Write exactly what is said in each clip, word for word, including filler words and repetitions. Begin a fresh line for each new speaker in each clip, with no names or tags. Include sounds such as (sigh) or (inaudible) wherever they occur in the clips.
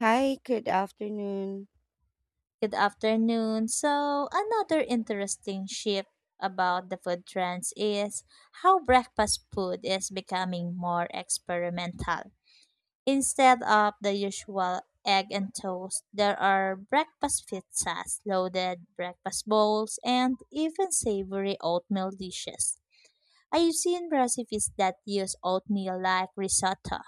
Hi, good afternoon.
Good afternoon. So, another interesting shift about the food trends is how breakfast food is becoming more experimental. Instead of the usual egg and toast, there are breakfast pizzas, loaded breakfast bowls, and even savory oatmeal dishes. I've seen recipes that use oatmeal like risotto,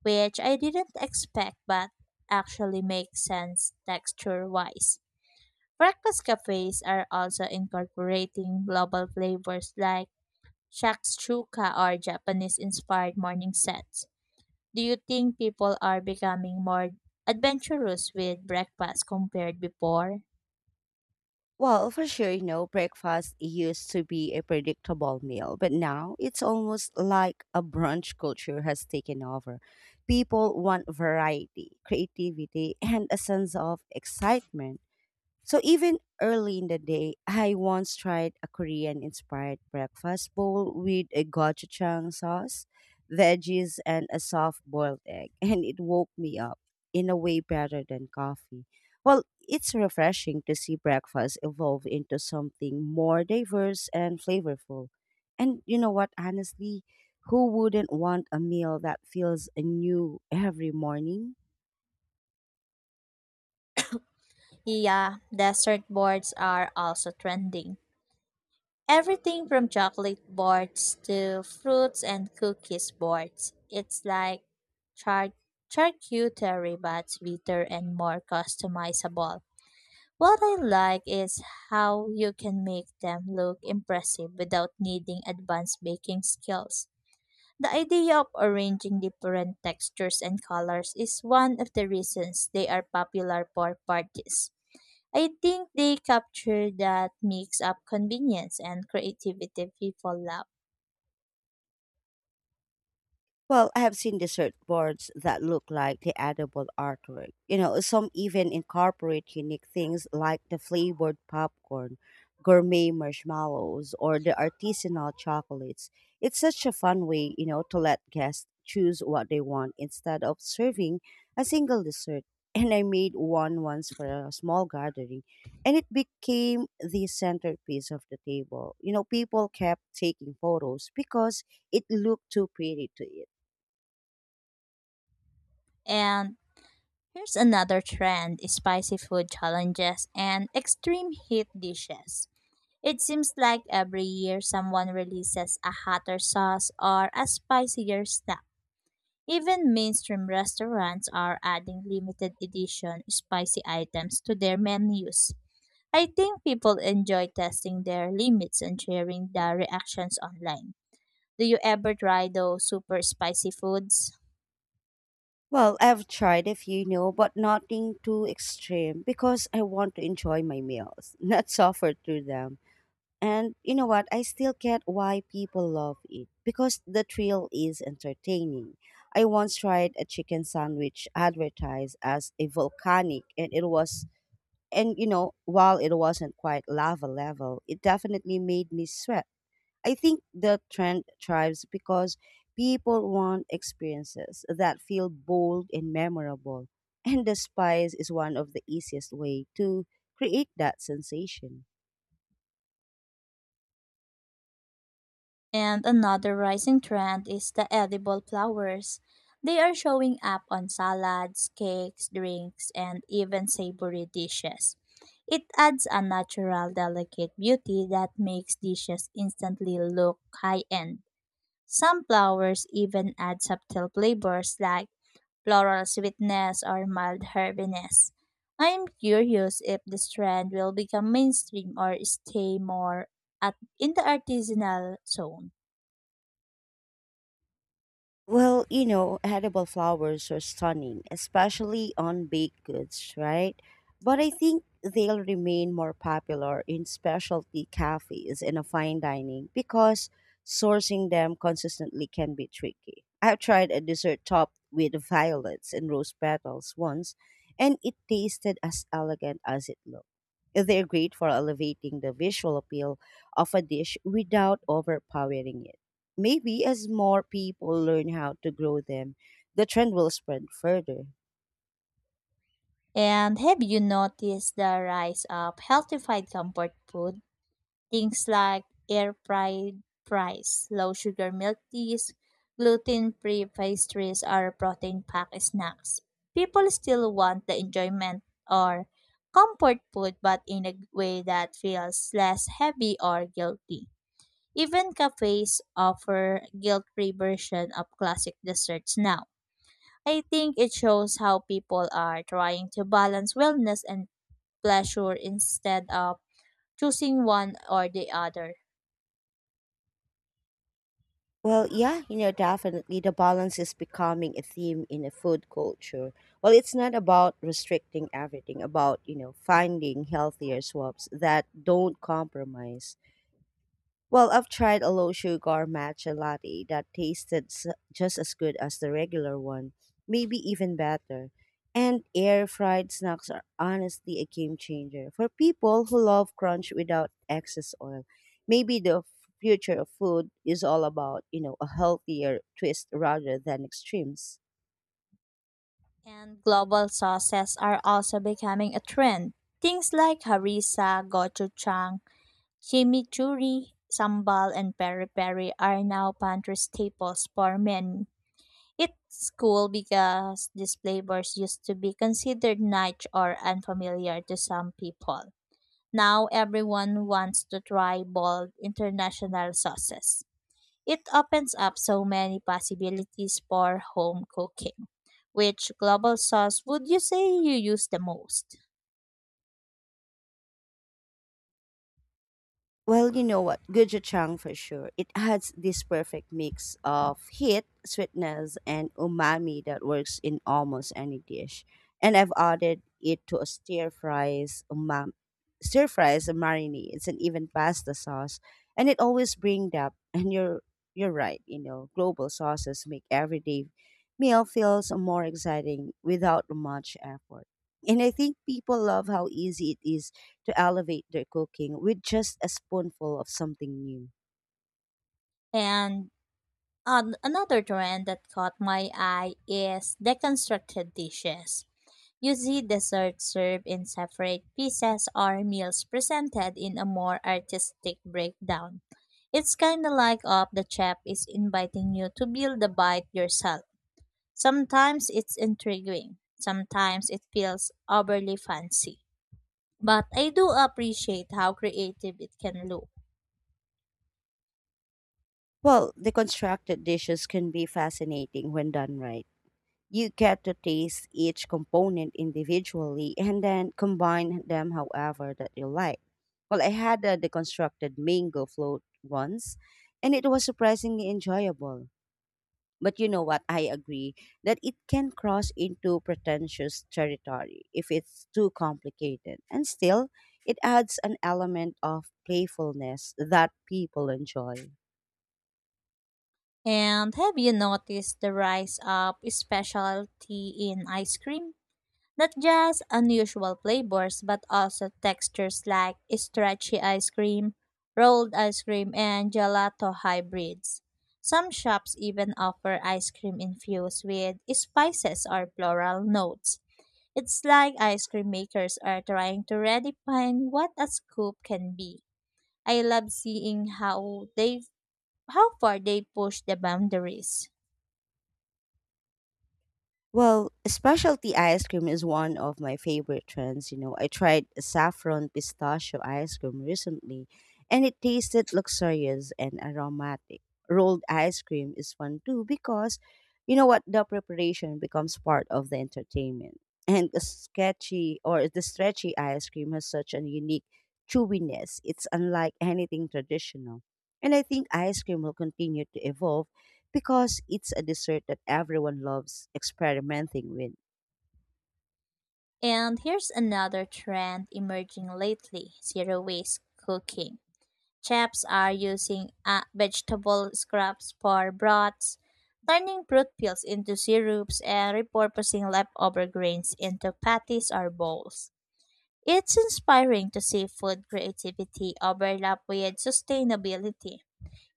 which I didn't expect but actually makes sense texture wise. Breakfast cafes are also incorporating global flavors like shakshuka or Japanese-inspired morning sets. Do you think people are becoming more adventurous with breakfast compared before?
Well, for sure, you know, breakfast used to be a predictable meal, but now it's almost like a brunch culture has taken over. People want variety, creativity, and a sense of excitement. So even early in the day, I once tried a Korean inspired breakfast bowl with a gochujang sauce, veggies, and a soft boiled egg, (laughs) and it woke me up in a way better than coffee. Well, it's refreshing to see breakfast evolve into something more diverse and flavorful. And you know what, honestly, who wouldn't want a meal that feels new every morning?
Yeah, dessert boards are also trending. Everything from chocolate boards to fruits and cookies boards. It's like char- charcuterie but sweeter and more customizable. What I like is how you can make them look impressive without needing advanced baking skills. The idea of arranging different textures and colors is one of the reasons they are popular for parties. I think they capture that mix of convenience and creativity people love.
Well, I have seen dessert boards that look like the edible artwork. You know, some even incorporate unique things like the flavored popcorn, gourmet marshmallows, or the artisanal chocolates. It's such a fun way, you know, to let guests choose what they want instead of serving a single dessert. (laughs) And I made one once for a small gathering, and it became the centerpiece of the table. You know, people kept taking photos because it looked too pretty to eat.
And here's another trend, spicy food challenges and extreme heat dishes. It seems like every year someone releases a hotter sauce or a spicier snack. Even mainstream restaurants are adding limited edition spicy items to their menus. I think people enjoy testing their limits and sharing their reactions online. Do you ever try those super spicy foods?
Well, I've tried a few, you know, but nothing too extreme because I want to enjoy my meals, (laughs) not suffer through them. And you know what? I still get why people love it because the thrill is entertaining. I once tried a chicken sandwich advertised as a volcanic, and it was, and you know, while it wasn't quite lava level, it definitely made me sweat. I think the trend thrives because people want experiences that feel bold and memorable, (laughs) and the spice is one of the easiest way to create that sensation.
And another rising trend is the edible flowers. They are showing up on salads, cakes, drinks, and even savory dishes. It adds a natural, delicate beauty that makes dishes instantly look high end. Some flowers even add subtle flavors like floral sweetness or mild herbiness. I'm curious if this trend will become mainstream or stay more at in the artisanal zone.
Well, you know, edible flowers are stunning, especially on baked goods, right? But I think they'll remain more popular in specialty cafes and a fine dining because sourcing them consistently can be tricky. I've tried a dessert topped with violets and rose petals once, and it tasted as elegant as it looked. They're great for elevating the visual appeal of a dish without overpowering it. Maybe as more people learn how to grow them, the trend will spread further.
And have you noticed the rise of healthified comfort food? Things like air fried fries, low sugar milk teas, gluten free pastries, or protein packed snacks. People still want the enjoyment or comfort food, but in a way that feels less heavy or guilty. Even cafes offer guilt free version of classic desserts now. I think it shows how people are trying to balance wellness and pleasure instead of choosing one or the other.
Well, yeah, you know, definitely the balance is becoming a theme in a food culture. Well, it's not about restricting everything, about, you know, finding healthier swaps that don't compromise. Well, I've tried a low sugar matcha latte that tasted s- just as good as the regular one, maybe even better. And air fried snacks are honestly a game changer for people who love crunch without excess oil. Maybe the f- future of food is all about, you know, a healthier twist rather than extremes.
And global sauces are also becoming a trend. Things like harissa, gochujang, chimichurri, sambal, and peri-peri are now pantry staples for many. It's cool because these flavors used to be considered niche or unfamiliar to some people. Now everyone wants to try bold international sauces. It opens up so many possibilities for home cooking. Which global sauce would you say you use the most?
Well, you know what? Gochujang for sure. It has this perfect mix of heat, sweetness, and umami that works in almost any dish. And I've added it to a stir fries umami, stir fries and marinades, and even pasta sauce. And it always brings depth. And you're you're right. You know, global sauces make everyday meal feels more exciting without much effort. And I think people love how easy it is to elevate their cooking with just a spoonful of something new.
And an another trend that caught my eye is deconstructed dishes. You see desserts served in separate pieces or meals presented in a more artistic breakdown. It's kind of like up the chef is inviting you to build the bite yourself. Sometimes it's intriguing, sometimes it feels overly fancy. But I do appreciate how creative it can look.
Well, the constructed dishes can be fascinating when done right. You get to taste each component individually and then combine them however that you like. Well, I had a deconstructed mango float once and it was surprisingly enjoyable. But you know what? I agree that it can cross into pretentious territory if it's too complicated. And still, it adds an element of playfulness that people enjoy.
And have you noticed the rise of specialty in ice cream? Not just unusual flavors, but also textures like stretchy ice cream, rolled ice cream, and gelato hybrids. Some shops even offer ice cream infused with spices or floral notes. It's like ice cream makers are trying to redefine what a scoop can be. I love seeing how they how far they push the boundaries.
Well, specialty ice cream is one of my favorite trends. You know, I tried saffron pistachio ice cream recently, and it tasted luxurious and aromatic. Rolled ice cream is fun too because, you know what, the preparation becomes part of the entertainment. And the sketchy or the stretchy ice cream has such a unique chewiness. It's unlike anything traditional. And I think ice cream will continue to evolve because it's a dessert that everyone loves experimenting with.
And here's another trend emerging lately, zero waste cooking. Chefs are using uh, vegetable scraps for broths, turning fruit peels into syrups and repurposing leftover grains into patties or bowls. It's inspiring to see food creativity overlap with sustainability.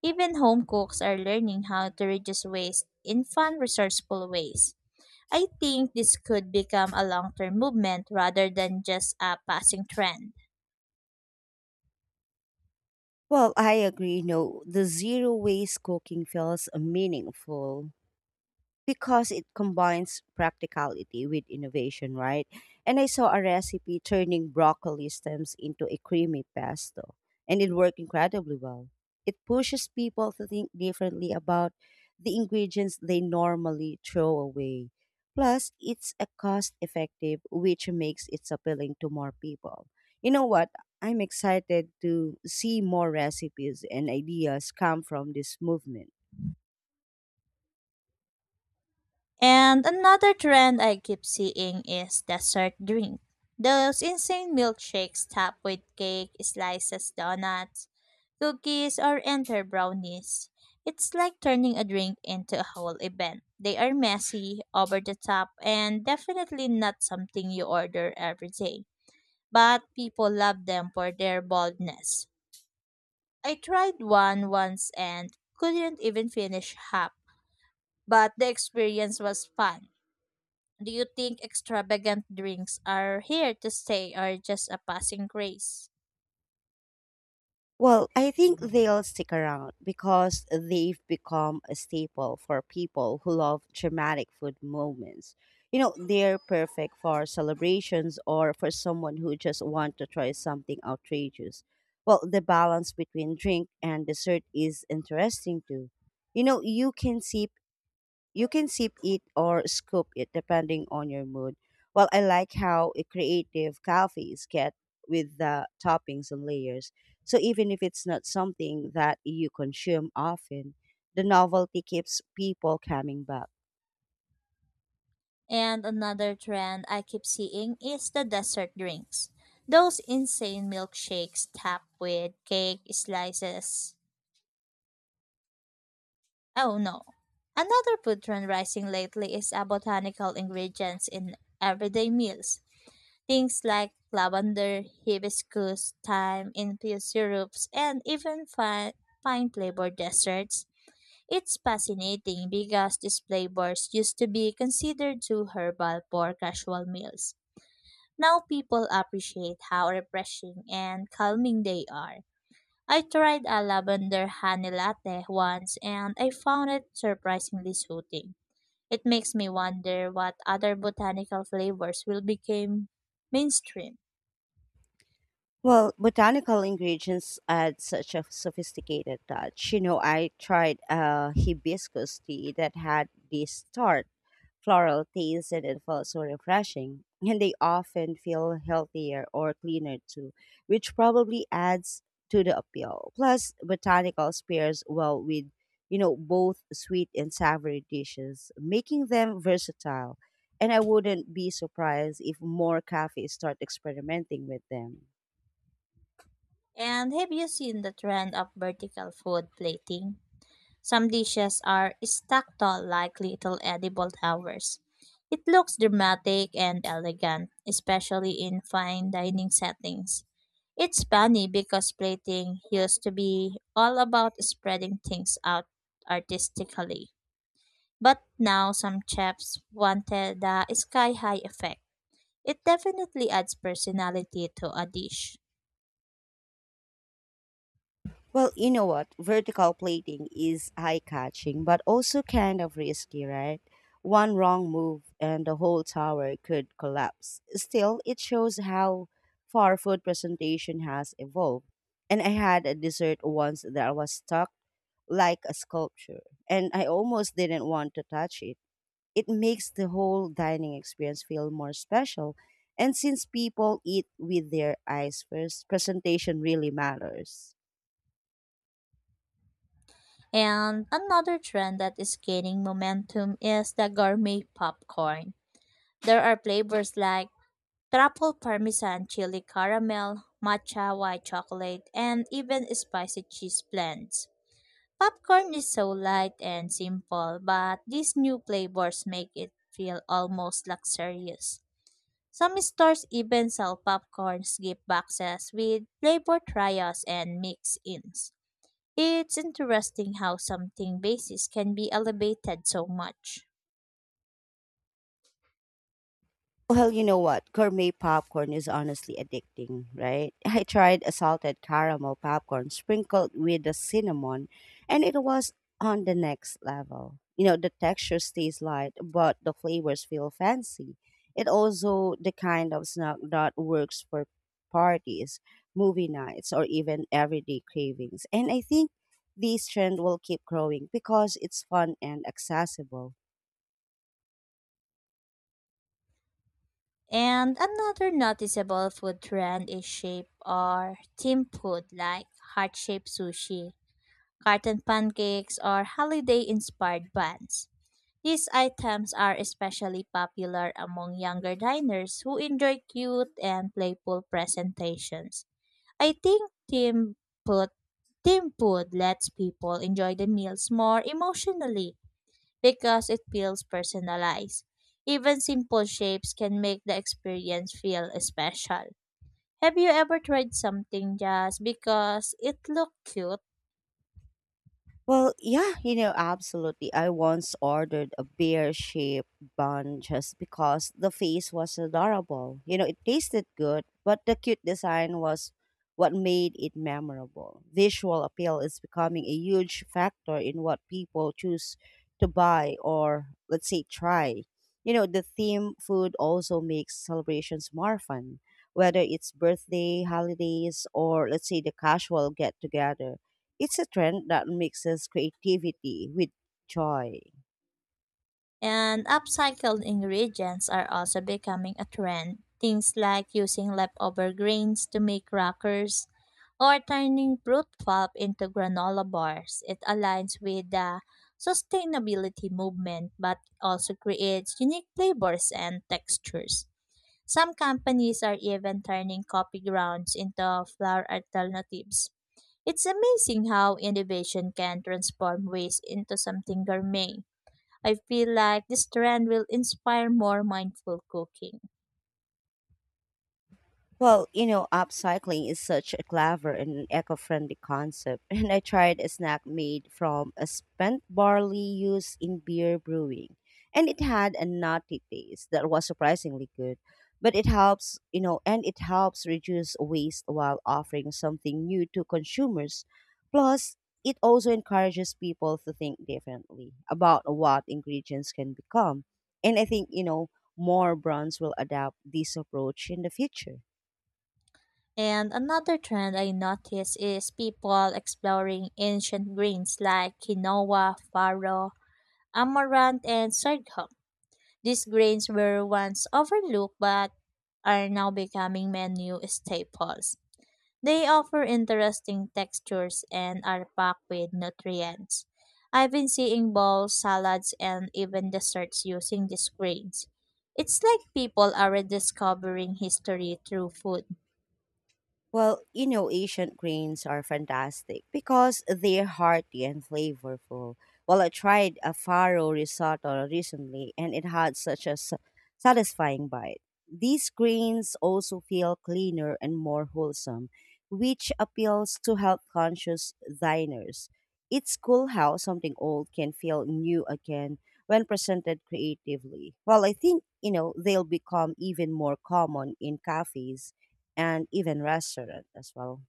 Even home cooks are learning how to reduce waste in fun, resourceful ways. I think this could become a long term movement rather than just a passing trend.
Well, I agree. No, the zero waste cooking feels meaningful, because it combines practicality with innovation, right? And I saw a recipe turning broccoli stems into a creamy pesto, and it worked incredibly well. It pushes people to think differently about the ingredients they normally throw away. Plus, it's a cost effective, which makes it appealing to more people. You know what? I'm excited to see more recipes and ideas come from this movement.
And another trend I keep seeing is dessert drink. Those insane milkshakes topped with cake, slices, donuts, cookies, or enter brownies. It's like turning a drink into a whole event. They are messy, over the top, and definitely not something you order every day. But people love them for their boldness. I tried one once and couldn't even finish half, but the experience was fun. Do you think extravagant drinks are here to stay or just a passing craze?
Well, I think they'll stick around because they've become a staple for people who love dramatic food moments. You know, they're perfect for celebrations or for someone who just wants to try something outrageous. Well, the balance between drink and dessert is interesting too. You know, you can see You can sip it or scoop it depending on your mood. Well, I like how i- creative coffees get with the toppings and layers. So even if it's not something that you consume often, the novelty keeps people coming back.
And another trend I keep seeing is the dessert drinks. Those insane milkshakes topped with cake slices. Oh no. Another food trend rising lately is uh, botanical ingredients in everyday meals. Things like lavender, hibiscus, thyme, infused syrups, and even fine, fine flavored desserts. It's fascinating because these flavors used to be considered too herbal for casual meals. Now people appreciate how refreshing and calming they are. I tried a lavender honey latte once and I found it surprisingly soothing. It makes me wonder what other botanical flavors will become mainstream.
Well, botanical ingredients add such a sophisticated touch. You know, I tried a hibiscus tea that had this tart floral taste and it felt so refreshing. And they often feel healthier or cleaner too, which probably adds to the appeal. Plus, botanicals pairs well with, you know, both sweet and savory dishes, making them versatile. And I wouldn't be surprised if more cafes start experimenting with them.
And have you seen the trend of vertical food plating? Some dishes are stacked tall like little edible towers. It looks dramatic and elegant, especially in fine dining settings. It's funny because plating used to be all about spreading things out artistically. But now some chefs wanted the sky high effect. It definitely adds personality to a dish.
Well, you know what? Vertical plating is eye catching, but also kind of risky, right? One wrong move and the whole tower could collapse. Still, it shows how far food presentation has evolved. And I had a dessert once that was stuck like a sculpture, and I almost didn't want to touch it. It makes the whole dining experience feel more special. And since people eat with their eyes first, presentation really matters.
And another trend that is gaining momentum is the gourmet popcorn. There are flavors like truffle parmesan, chili caramel, matcha white chocolate, and even spicy cheese blends. Popcorn is so light and simple, but these new flavors make it feel almost luxurious. Some stores even sell popcorns gift boxes with flavor trials and mix-ins. It's interesting how something basic can be elevated so much.
Well, you know what? Gourmet popcorn is honestly addicting, right? I tried a salted caramel popcorn sprinkled with the cinnamon, and it was on the next level. You know, the texture stays light, but the flavors feel fancy. It also the kind of snack that works for parties, movie nights, or even everyday cravings. And I think this trend will keep growing because it's fun and accessible.
And another noticeable food trend is shape or theme food like heart-shaped sushi, carton pancakes, or holiday-inspired buns. These items are especially popular among younger diners who enjoy cute and playful presentations. I think theme food, theme food lets people enjoy the meals more emotionally because it feels personalized. Even simple shapes can make the experience feel special. Have you ever tried something just because it looked cute?
Well, yeah, you know, absolutely. I once ordered a bear shaped bun just because the face was adorable. You know, it tasted good, but the cute design was what made it memorable. Visual appeal is becoming a huge factor in what people choose to buy or, let's say, try. You know, the theme food also makes celebrations more fun, whether it's birthday, holidays, or, let's say, the casual get together it's a trend that mixes creativity with joy.
And upcycled ingredients are also becoming a trend. Things like using leftover grains to make crackers or turning fruit pulp into granola bars. It aligns with the sustainability movement but also creates unique flavors and textures. Some companies are even turning coffee grounds into flour alternatives. It's amazing how innovation can transform waste into something gourmet. I feel like this trend will inspire more mindful cooking.
Well, you know, upcycling is such a clever and eco-friendly concept, (laughs) and I tried a snack made from a spent barley used in beer brewing, and it had a nutty taste that was surprisingly good. But it helps, you know, and it helps reduce waste while offering something new to consumers. Plus, it also encourages people to think differently about what ingredients can become. And I think, you know, more brands will adopt this approach in the future.
And another trend I notice is people exploring ancient grains like quinoa, farro, amaranth, and sorghum. These grains were once overlooked but are now becoming menu staples. They offer interesting textures and are packed with nutrients. I've been seeing bowls, salads, and even desserts using these grains. It's like people are rediscovering history through food.
Well, you know, Asian grains are fantastic because they're hearty and flavorful. Well, I tried a farro risotto recently and it had such a s- satisfying bite. These grains also feel cleaner and more wholesome, which appeals to health conscious diners. It's cool how something old can feel new again when presented creatively. Well, I think, you know, they'll become even more common in cafes and even restaurant as well.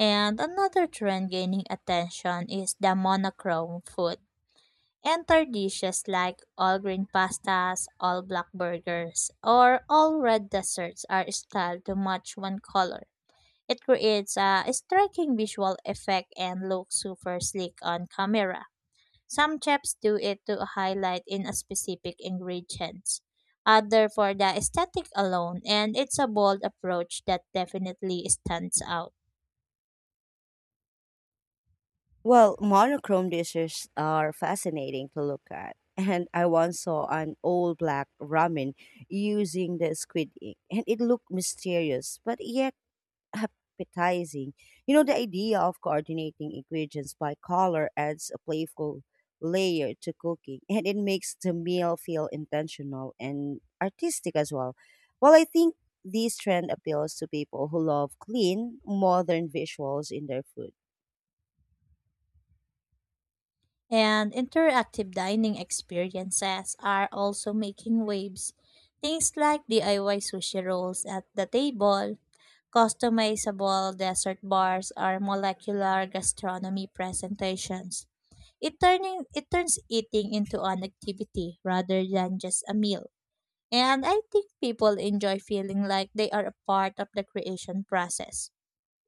And another trend gaining attention is the monochrome food. Enter dishes like all green pastas, all black burgers, or all red desserts are styled to match one color. It creates a striking visual effect and looks super slick on camera. Some chefs do it to highlight in a specific ingredients, other for the aesthetic alone, and it's a bold approach that definitely stands out.
Well, monochrome dishes are fascinating to look at. (laughs) And I once saw an old black ramen using the squid ink, and it looked mysterious but yet appetizing. You know, the idea of coordinating ingredients by color adds a playful layer to cooking (laughs) and it makes the meal feel intentional and artistic as well. Well, I think this trend appeals to people who love clean, modern visuals in their food.
And interactive dining experiences are also making waves. Things like D I Y sushi rolls at the table, customizable dessert bars, or molecular gastronomy presentations. It turning it turns eating into an activity rather than just a meal. And I think people enjoy feeling like they are a part of the creation process.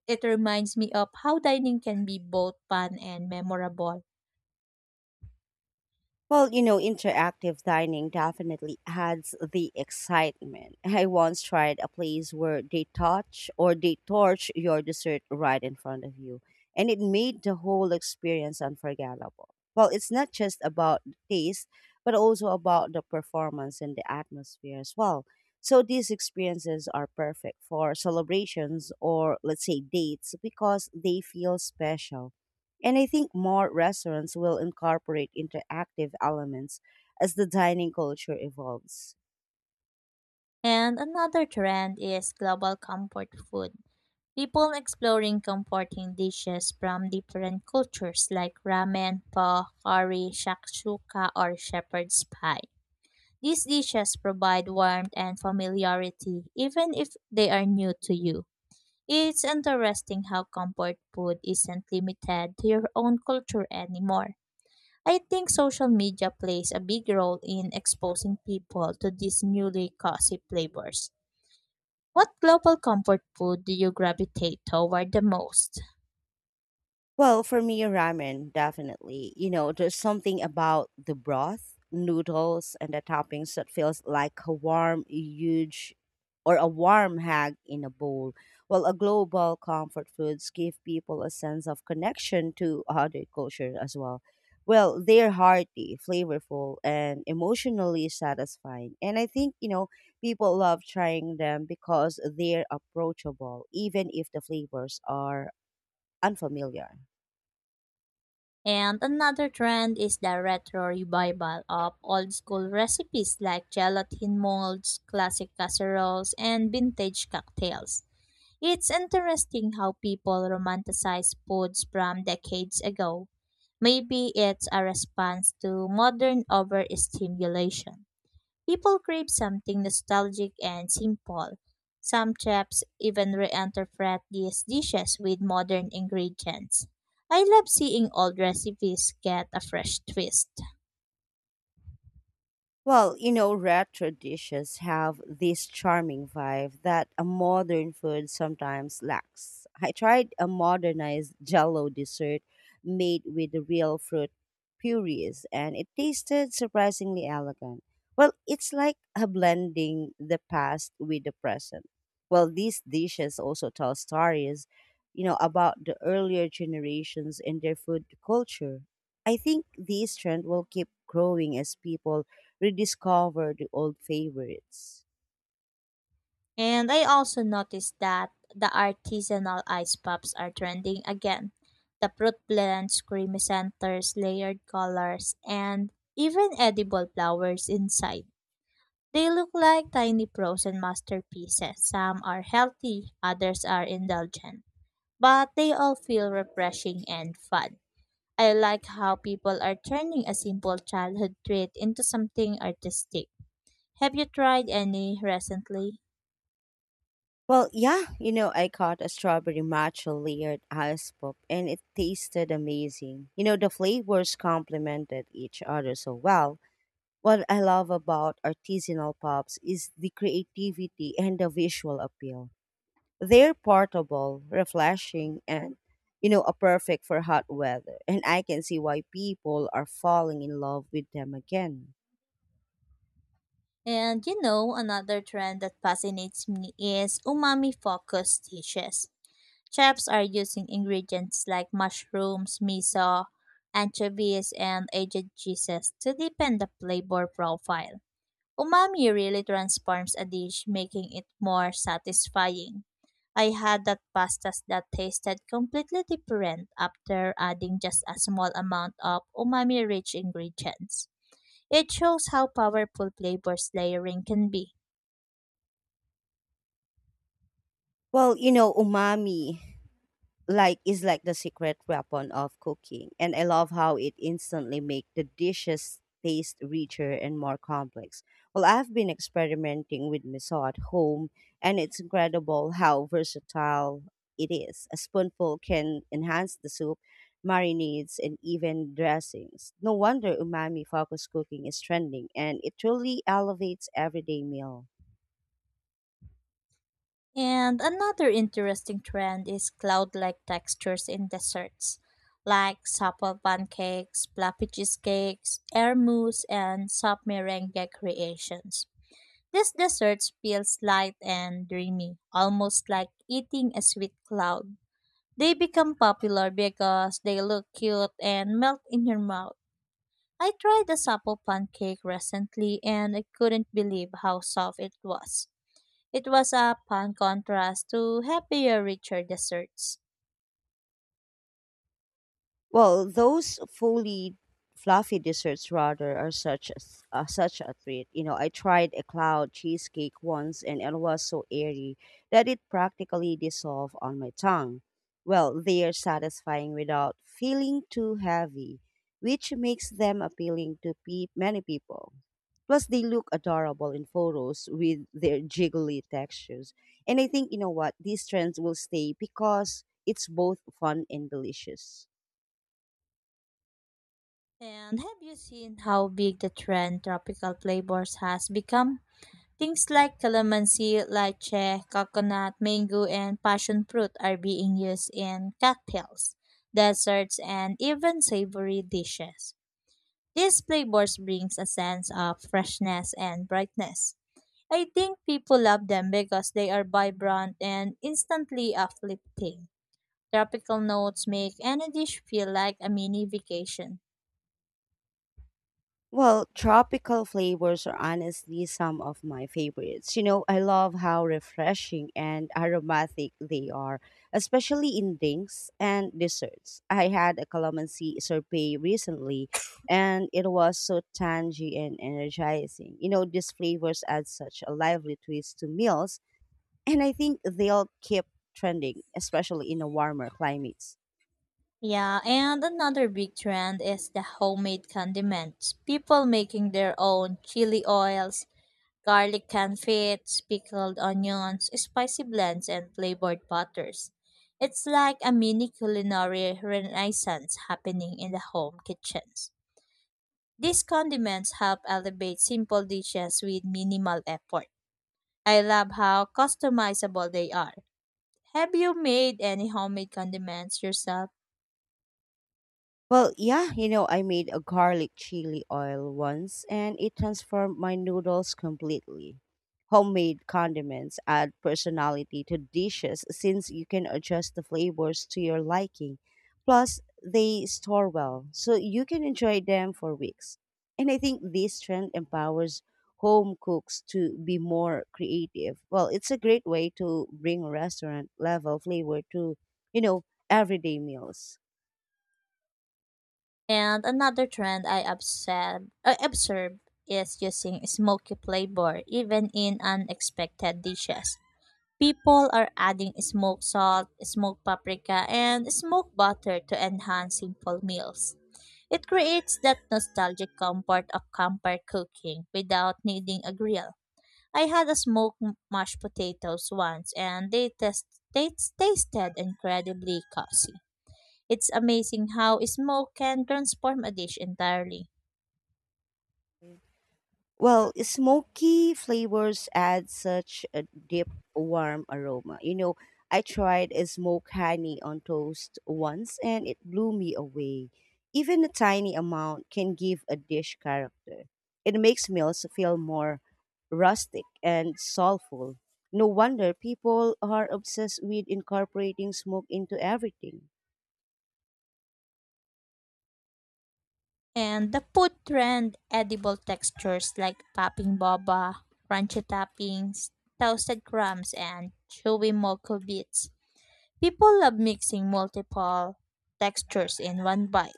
It reminds me of how dining can be both fun and memorable.
Well, you know, interactive dining definitely adds the excitement. (laughs) I once tried a place where they touch or they torch your dessert right in front of you, and it made the whole experience unforgettable. Well, it's not just about the taste, but also about the performance and the atmosphere as well. So these experiences are perfect for celebrations or let's say dates because they feel special and I think more restaurants will incorporate interactive elements as the dining culture evolves.
And another trend is global comfort food. People exploring comforting dishes from different cultures like ramen, pho, curry, shakshuka, or shepherd's pie. These dishes provide warmth and familiarity even if they are new to you. It's interesting how comfort food isn't limited to your own culture anymore. I think social media plays a big role in exposing people to these newly cozy flavors. What global comfort food do you gravitate toward the most?
Well, for me, ramen, definitely. You know, there's something about the broth, noodles, and the toppings that feels like a warm, huge, or a warm hug in a bowl. Well, a global comfort foods give people a sense of connection to other culture as well. Well, they're hearty, flavorful, and emotionally satisfying. And I think, you know, people love trying them because they're approachable, even if the flavors are unfamiliar.
And another trend is the retro revival of old school recipes like gelatin molds, classic casseroles, and vintage cocktails. It's interesting how people romanticize foods from decades ago. Maybe it's a response to modern overstimulation. People crave something nostalgic and simple. Some chefs even reinterpret these dishes with modern ingredients. I love seeing old recipes get a fresh twist.
Well, you know, retro dishes have this charming vibe that a modern food sometimes lacks. I tried a modernized (laughs) jello dessert made with real fruit purees and it tasted surprisingly elegant. Well, it's like a blending the past with the present. Well, these dishes also tell stories, you know, about the earlier generations and their food culture. I think this trend will keep growing as people rediscover the old favorites.
And I also noticed that the artisanal ice pops are trending again. The fruit blends, creamy centers, layered colors, and even edible flowers inside. They look like tiny frozen masterpieces. Some are healthy, others are indulgent, but they all feel refreshing and fun. I like how people are turning a simple childhood treat into something artistic. Have you tried any recently?
Well, yeah, you know, I caught a strawberry matcha layered ice pop and it tasted amazing. You know, the flavors complemented each other so well. What I love about artisanal pops is the creativity and the visual appeal. They're portable, refreshing, and, you know, a perfect for hot weather. And I can see why people are falling in love with them again.
And you know, another trend that fascinates me is umami focused dishes. Chefs are using ingredients like mushrooms, miso, anchovies, and aged cheeses to deepen the flavor profile. Umami really transforms a dish, making it more satisfying. I had that pastas that tasted completely different after adding just a small amount of umami rich ingredients. It shows how powerful flavors layering can be.
Well, you know, umami. Like is like the secret weapon of cooking and I love how it instantly make the dishes taste richer and more complex well I've been experimenting with miso at home and it's incredible how versatile it is a spoonful can enhance the soup marinades and even dressings no wonder umami focused cooking is trending and it truly elevates everyday meal.
And another interesting trend is cloud-like textures in desserts, like supple pancakes, fluffy cheesecakes, air mousse, and soft meringue creations. These desserts feel light and dreamy, almost like eating a sweet cloud. They become popular because they look cute and melt in your mouth. I tried a supple pancake recently and I couldn't believe how soft it was. It was a fun contrast to happier, richer desserts.
Well, those fully fluffy desserts rather are such a, s- uh, such a treat. You know, I tried a cloud cheesecake once and it was so airy that it practically dissolved on my tongue. Well, they are satisfying without feeling too heavy, which makes them appealing to pe- many people. Plus, they look adorable in photos with their jiggly textures. And I think, you know what, these trends will stay because it's both fun and delicious.
And have you seen how big the trend tropical flavors has become? Things like calamansi, lychee, coconut, mango, and passion fruit are being used in cocktails, desserts, and even savory dishes. These flavors brings a sense of freshness and brightness. I think people love them because they are vibrant and instantly uplifting. Tropical notes make any dish feel like a mini vacation.
Well, tropical flavors are honestly some of my favorites. You know, I love how refreshing and aromatic they are, especially in drinks and desserts. I had a calamansi sorbet recently, and it was so tangy and energizing. You know, these flavors add such a lively twist to meals, and I think they'll keep trending, especially in a warmer climates.
Yeah, and another big trend is the homemade condiments. People making their own chili oils, garlic confits, pickled onions, spicy blends, and flavored butters. It's like a mini culinary renaissance happening in the home kitchens. These condiments help elevate simple dishes with minimal effort. I love how customizable they are. Have you made any homemade condiments yourself?
Well, yeah, you know, I made a garlic chili oil once and it transformed my noodles completely. Homemade condiments add personality to dishes since you can adjust the flavors to your liking. Plus, they store well, so you can enjoy them for weeks. And I think this trend empowers home cooks to be more creative. Well, it's a great way to bring restaurant level flavor to, you know, everyday meals.
And another trend I observe, I observe is using smoky flavor even in unexpected dishes. People are adding smoked salt, smoked paprika, and smoked butter to enhance simple meals. It creates that nostalgic comfort of campfire cooking without needing a grill. I had a smoked m- mashed potatoes once, and they, test, they tasted incredibly cozy. It's amazing how smoke can transform a dish entirely.
Well, smoky flavors add such a deep, warm aroma. You know, I tried a smoked honey on toast once and it blew me away. Even a tiny amount can give a dish character. It makes meals feel more rustic and soulful. No wonder people are obsessed with incorporating smoke into everything.
And the food trend edible textures like popping boba, crunchy toppings, toasted crumbs, and chewy mocha bits. People love mixing multiple textures in one bite.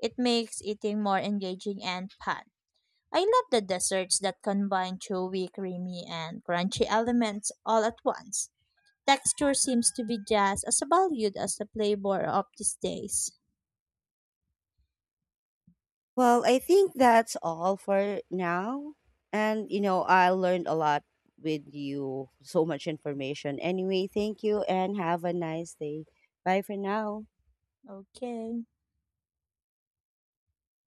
It makes eating more engaging and fun. I love the desserts that combine chewy, creamy, and crunchy elements all at once. Texture seems to be just as valued as the flavor of these days.
Well, I think that's all for now. And, you know, I learned a lot with you, so much information. Anyway, thank you and have a nice day. Bye for now.
Okay.